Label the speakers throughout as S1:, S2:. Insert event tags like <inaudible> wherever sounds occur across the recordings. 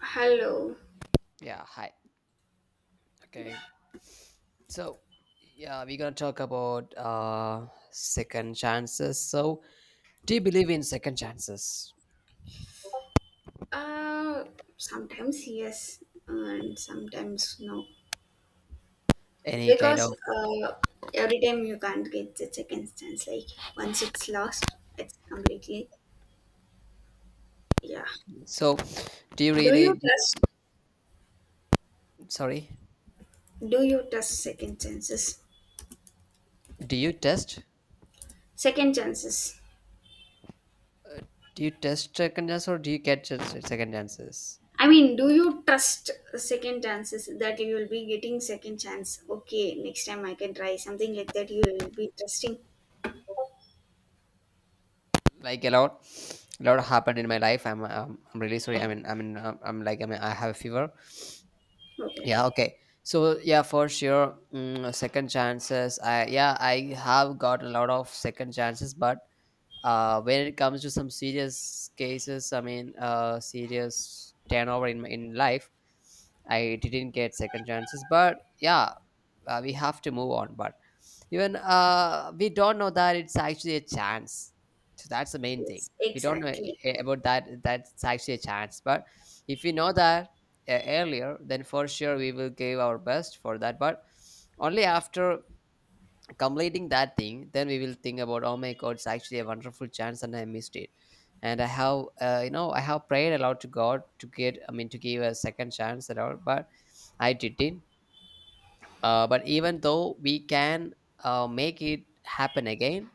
S1: Hello.
S2: Yeah, hi. Okay. So, yeah, we're going to talk about second chances. So, do you believe in second chances?
S1: Uh, Sometimes yes, and sometimes no.
S2: Any kind
S1: Because
S2: of—
S1: every time you can't get the second chance. Like once it's lost, it's completely yeah.
S2: so, do you
S1: Do
S2: really
S1: you
S2: do you,
S1: trust?
S2: sorry,
S1: Do you trust second chances?
S2: do you test?
S1: Second chances.
S2: Do you test second chances or do you get just second chances?
S1: I mean, do you trust second chances that you will be getting second chance? Okay, next time I can try something like that. You will be trusting.
S2: Like a lot happened in my life. I'm really sorry. I'm like I have a fever.
S1: Okay.
S2: Yeah, okay, so yeah, for sure, second chances, I have got a lot of second chances, but when it comes to some serious cases, serious turnover in life, I didn't get second chances. But yeah, we have to move on. But even we don't know that it's actually a chance, so that's the main thing.
S1: Yes,
S2: We don't know
S1: exactly.
S2: about that, that's actually a chance. But if we know that earlier, then for sure we will give our best for that. But only after completing that thing, then we will think about, oh my god, it's actually a wonderful chance and I missed it. And I have I have prayed a lot to god to get, I mean to give a second chance at all, but I didn't. But even though we can make it happen again,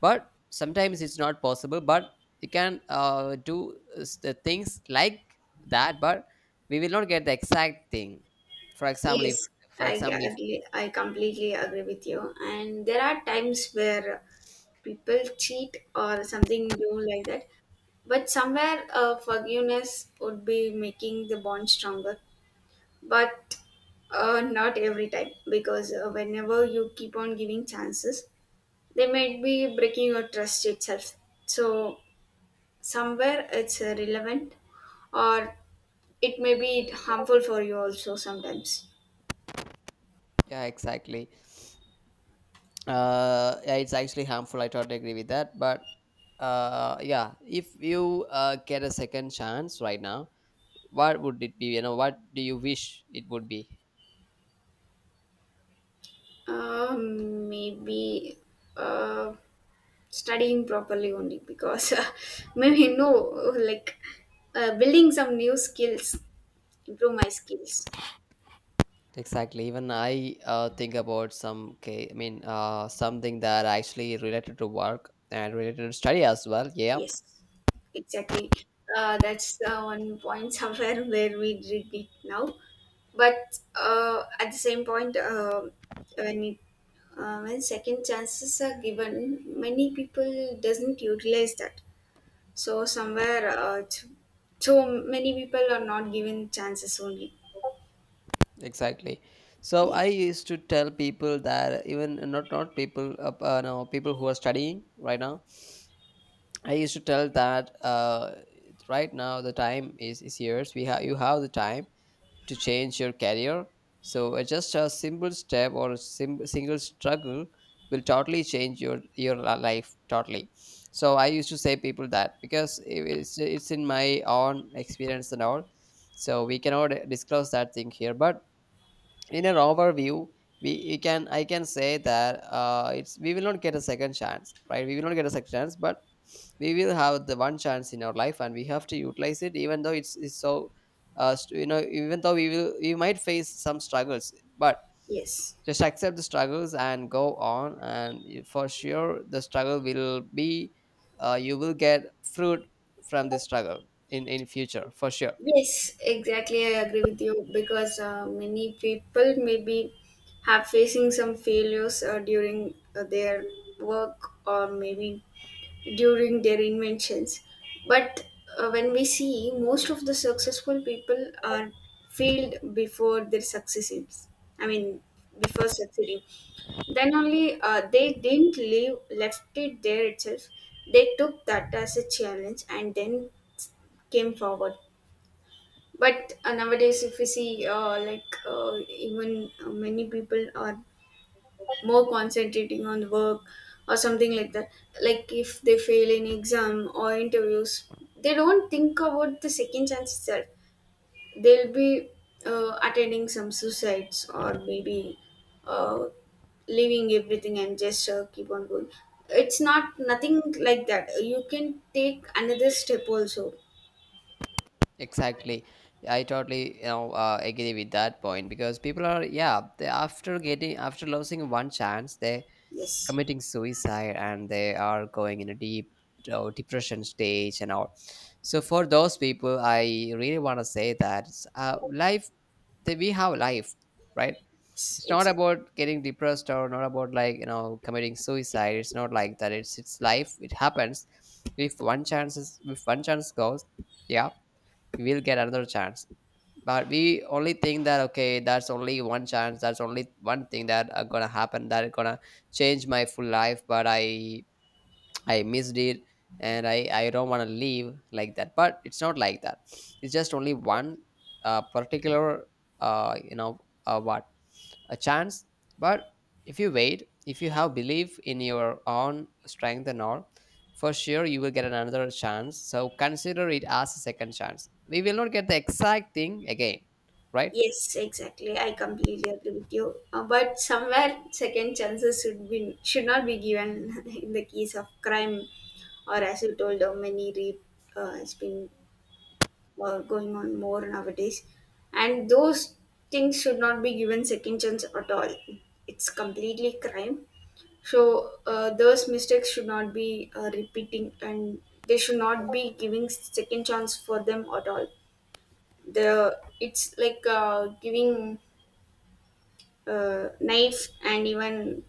S2: but sometimes it's not possible. But you can do the things like that, but we will not get the exact thing. for example if
S1: Yes,
S2: for example if
S1: I completely agree with you. And there are times where people cheat or something do like that. But somewhere, forgiveness would be making the bond stronger. But not every time, because whenever you keep on giving chances, they might be breaking your trust itself. So somewhere it's relevant, or it may be harmful for you also sometimes.
S2: yeah, exactly, yeah, it's actually harmful. I totally agree with that. But yeah, if you get a second chance right now, what would it be? What do you wish it would be?
S1: Maybe uh, studying properly only because <laughs> maybe no like building some new skills, improve my skills.
S2: Exactly. Even I think about I mean something that actually related to work and related to study as well. Yeah,
S1: Yes, exactly. That's one point somewhere <laughs> where we did it now. But at the same point, when it when second chances are given, many people doesn't utilize that. So somewhere, so many people are not given chances only.
S2: exactly. So
S1: Yeah.
S2: I used to tell people that, even not people, no, people who are studying right now, I used to tell that right now the time is yours. We have You have the time to change your career. So just a simple step or a single struggle will totally change your life totally. So I used to say people that, because it's in my own experience and all. So we cannot disclose that thing here, but in an overview, we you can I can say that it's— we will not get a second chance, right? We will not get a second chance, but we will have the one chance in our life and we have to utilize it, even though it's so even though we might face some struggles. But
S1: Yes.
S2: just accept the struggles and go on, and you— for sure the struggle will be— you will get fruit from this struggle in future for sure.
S1: Yes. Exactly. I agree with you because many people maybe have facing some failures during their work or maybe during their inventions. But when we see most of the successful people are failed before their successes, I mean, before succeeding, then only they didn't leave, left it there itself. They took that as a challenge and then came forward. But nowadays, if we see, like, even many people are more concentrating on work or something like that, like if they fail in exam or interviews, they don't think about the second chance itself. They'll be attending some suicides or maybe uh, leaving everything and just keep on going. It's not nothing like that, you can take another step also.
S2: Exactly. I totally, agree with that point, because people are, yeah, they, after getting, after losing one chance, they
S1: Yes,
S2: committing suicide and they are going in a deep depression stage and all. So for those people, I really want to say that uh, life, that we have life, right?
S1: yes,
S2: It's not
S1: exactly.
S2: about getting depressed or not about, committing suicide. It's not like that. It's— it's life. It happens. If one chance is if one chance goes, yeah, we'll get another chance. But we only think that, okay, that's only one chance, that's only one thing that are gonna happen, that are gonna change my full life, but I missed it, and I don't want to leave like that. But it's not like that. It's just only one particular, uh, you know, uh, what, a chance. But if you wait, if you have belief in your own strength and all, for sure you will get another chance. So consider it as a second chance. We will not get the exact thing again, right?
S1: Yes, exactly. I completely agree with you. But somewhere, second chances should be should not be given <laughs> in the case of crime, or as you told, many rape has been going on more nowadays, and those things should not be given second chance at all. It's completely crime. So those mistakes should not be repeating, and they should not be giving second chance for them at all. The It's like giving knife and even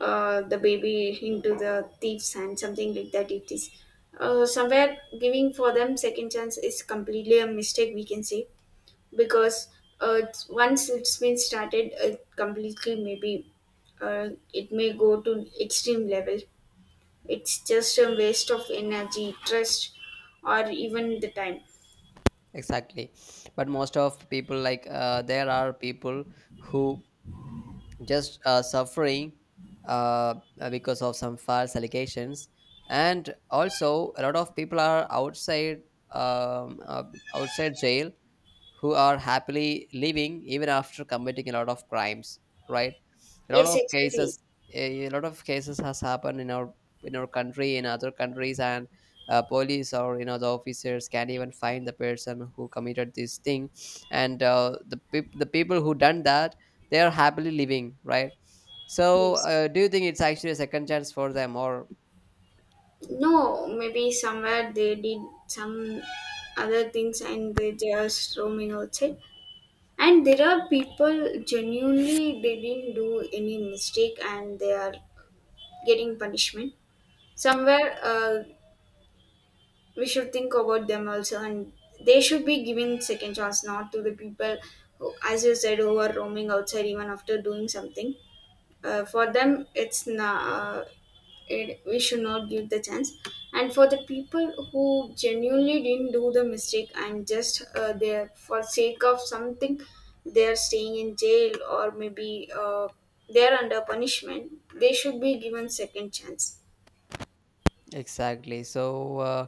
S1: the baby into the thief's hand, something like that. It is somewhere giving for them second chance is completely a mistake, we can say, because once it's been started, it completely maybe it may go to extreme level. It's just a waste of energy, trust, or even the time.
S2: Exactly. But most of people, like, there are people who just suffering because of some false allegations. And also, a lot of people are outside, um, uh, outside jail, who are happily living even after committing a lot of crimes, right? A lot
S1: Yes,
S2: of
S1: exactly.
S2: cases— a lot of cases has happened in our— in our country, in other countries. And police, or you know, the officers can't even find the person who committed this thing. And the people who done that, they are happily living, right? So
S1: Yes.
S2: do you think it's actually a second chance for them, or—
S1: No, maybe somewhere they did some other things and they just roaming outside. And there are people genuinely they didn't do any mistake and they are getting punishment. Somewhere we should think about them also, and they should be given second chance, not to the people who, as you said, who are roaming outside even after doing something. For them it's not, it, we should not give the chance. And for the people who genuinely didn't do the mistake and just there for sake of something, they're staying in jail or maybe they're under punishment, they should be given second chance.
S2: exactly. So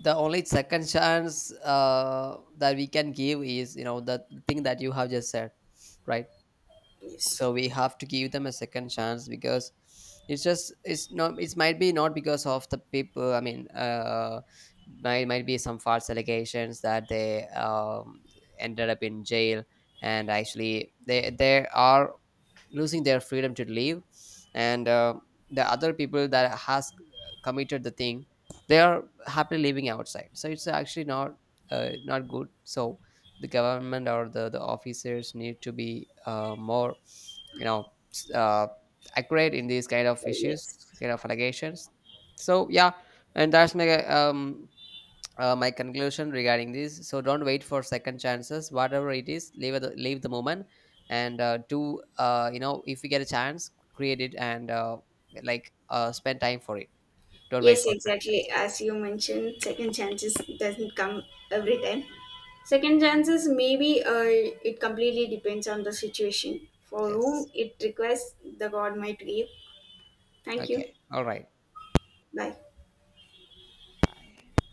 S2: the only second chance that we can give is, you know, the thing that you have just said, right?
S1: Yes,
S2: So we have to give them a second chance, because it's just— it's not— it might be not because of the people. I mean, might be some false allegations that they ended up in jail, and actually they there are losing their freedom to live. And the other people that has committed the thing, they are happily living outside. So it's actually not not good. So the government or the officers need to be more, you know, accurate in these kind of issues,
S1: yes.
S2: kind of allegations. So yeah, and that's my my conclusion regarding this. So don't wait for second chances, whatever it is. Leave the— leave the moment. And do, if you get a chance, create it. And spend time for it. Don't wait
S1: Yes,
S2: for second
S1: exactly.
S2: chances.
S1: As you mentioned, second chances doesn't come every time. Second chances, maybe it completely depends on the situation. For
S2: Yes.
S1: whom it requires, the God might give. Thank
S2: Okay,
S1: you.
S2: all right,
S1: Bye.
S2: bye.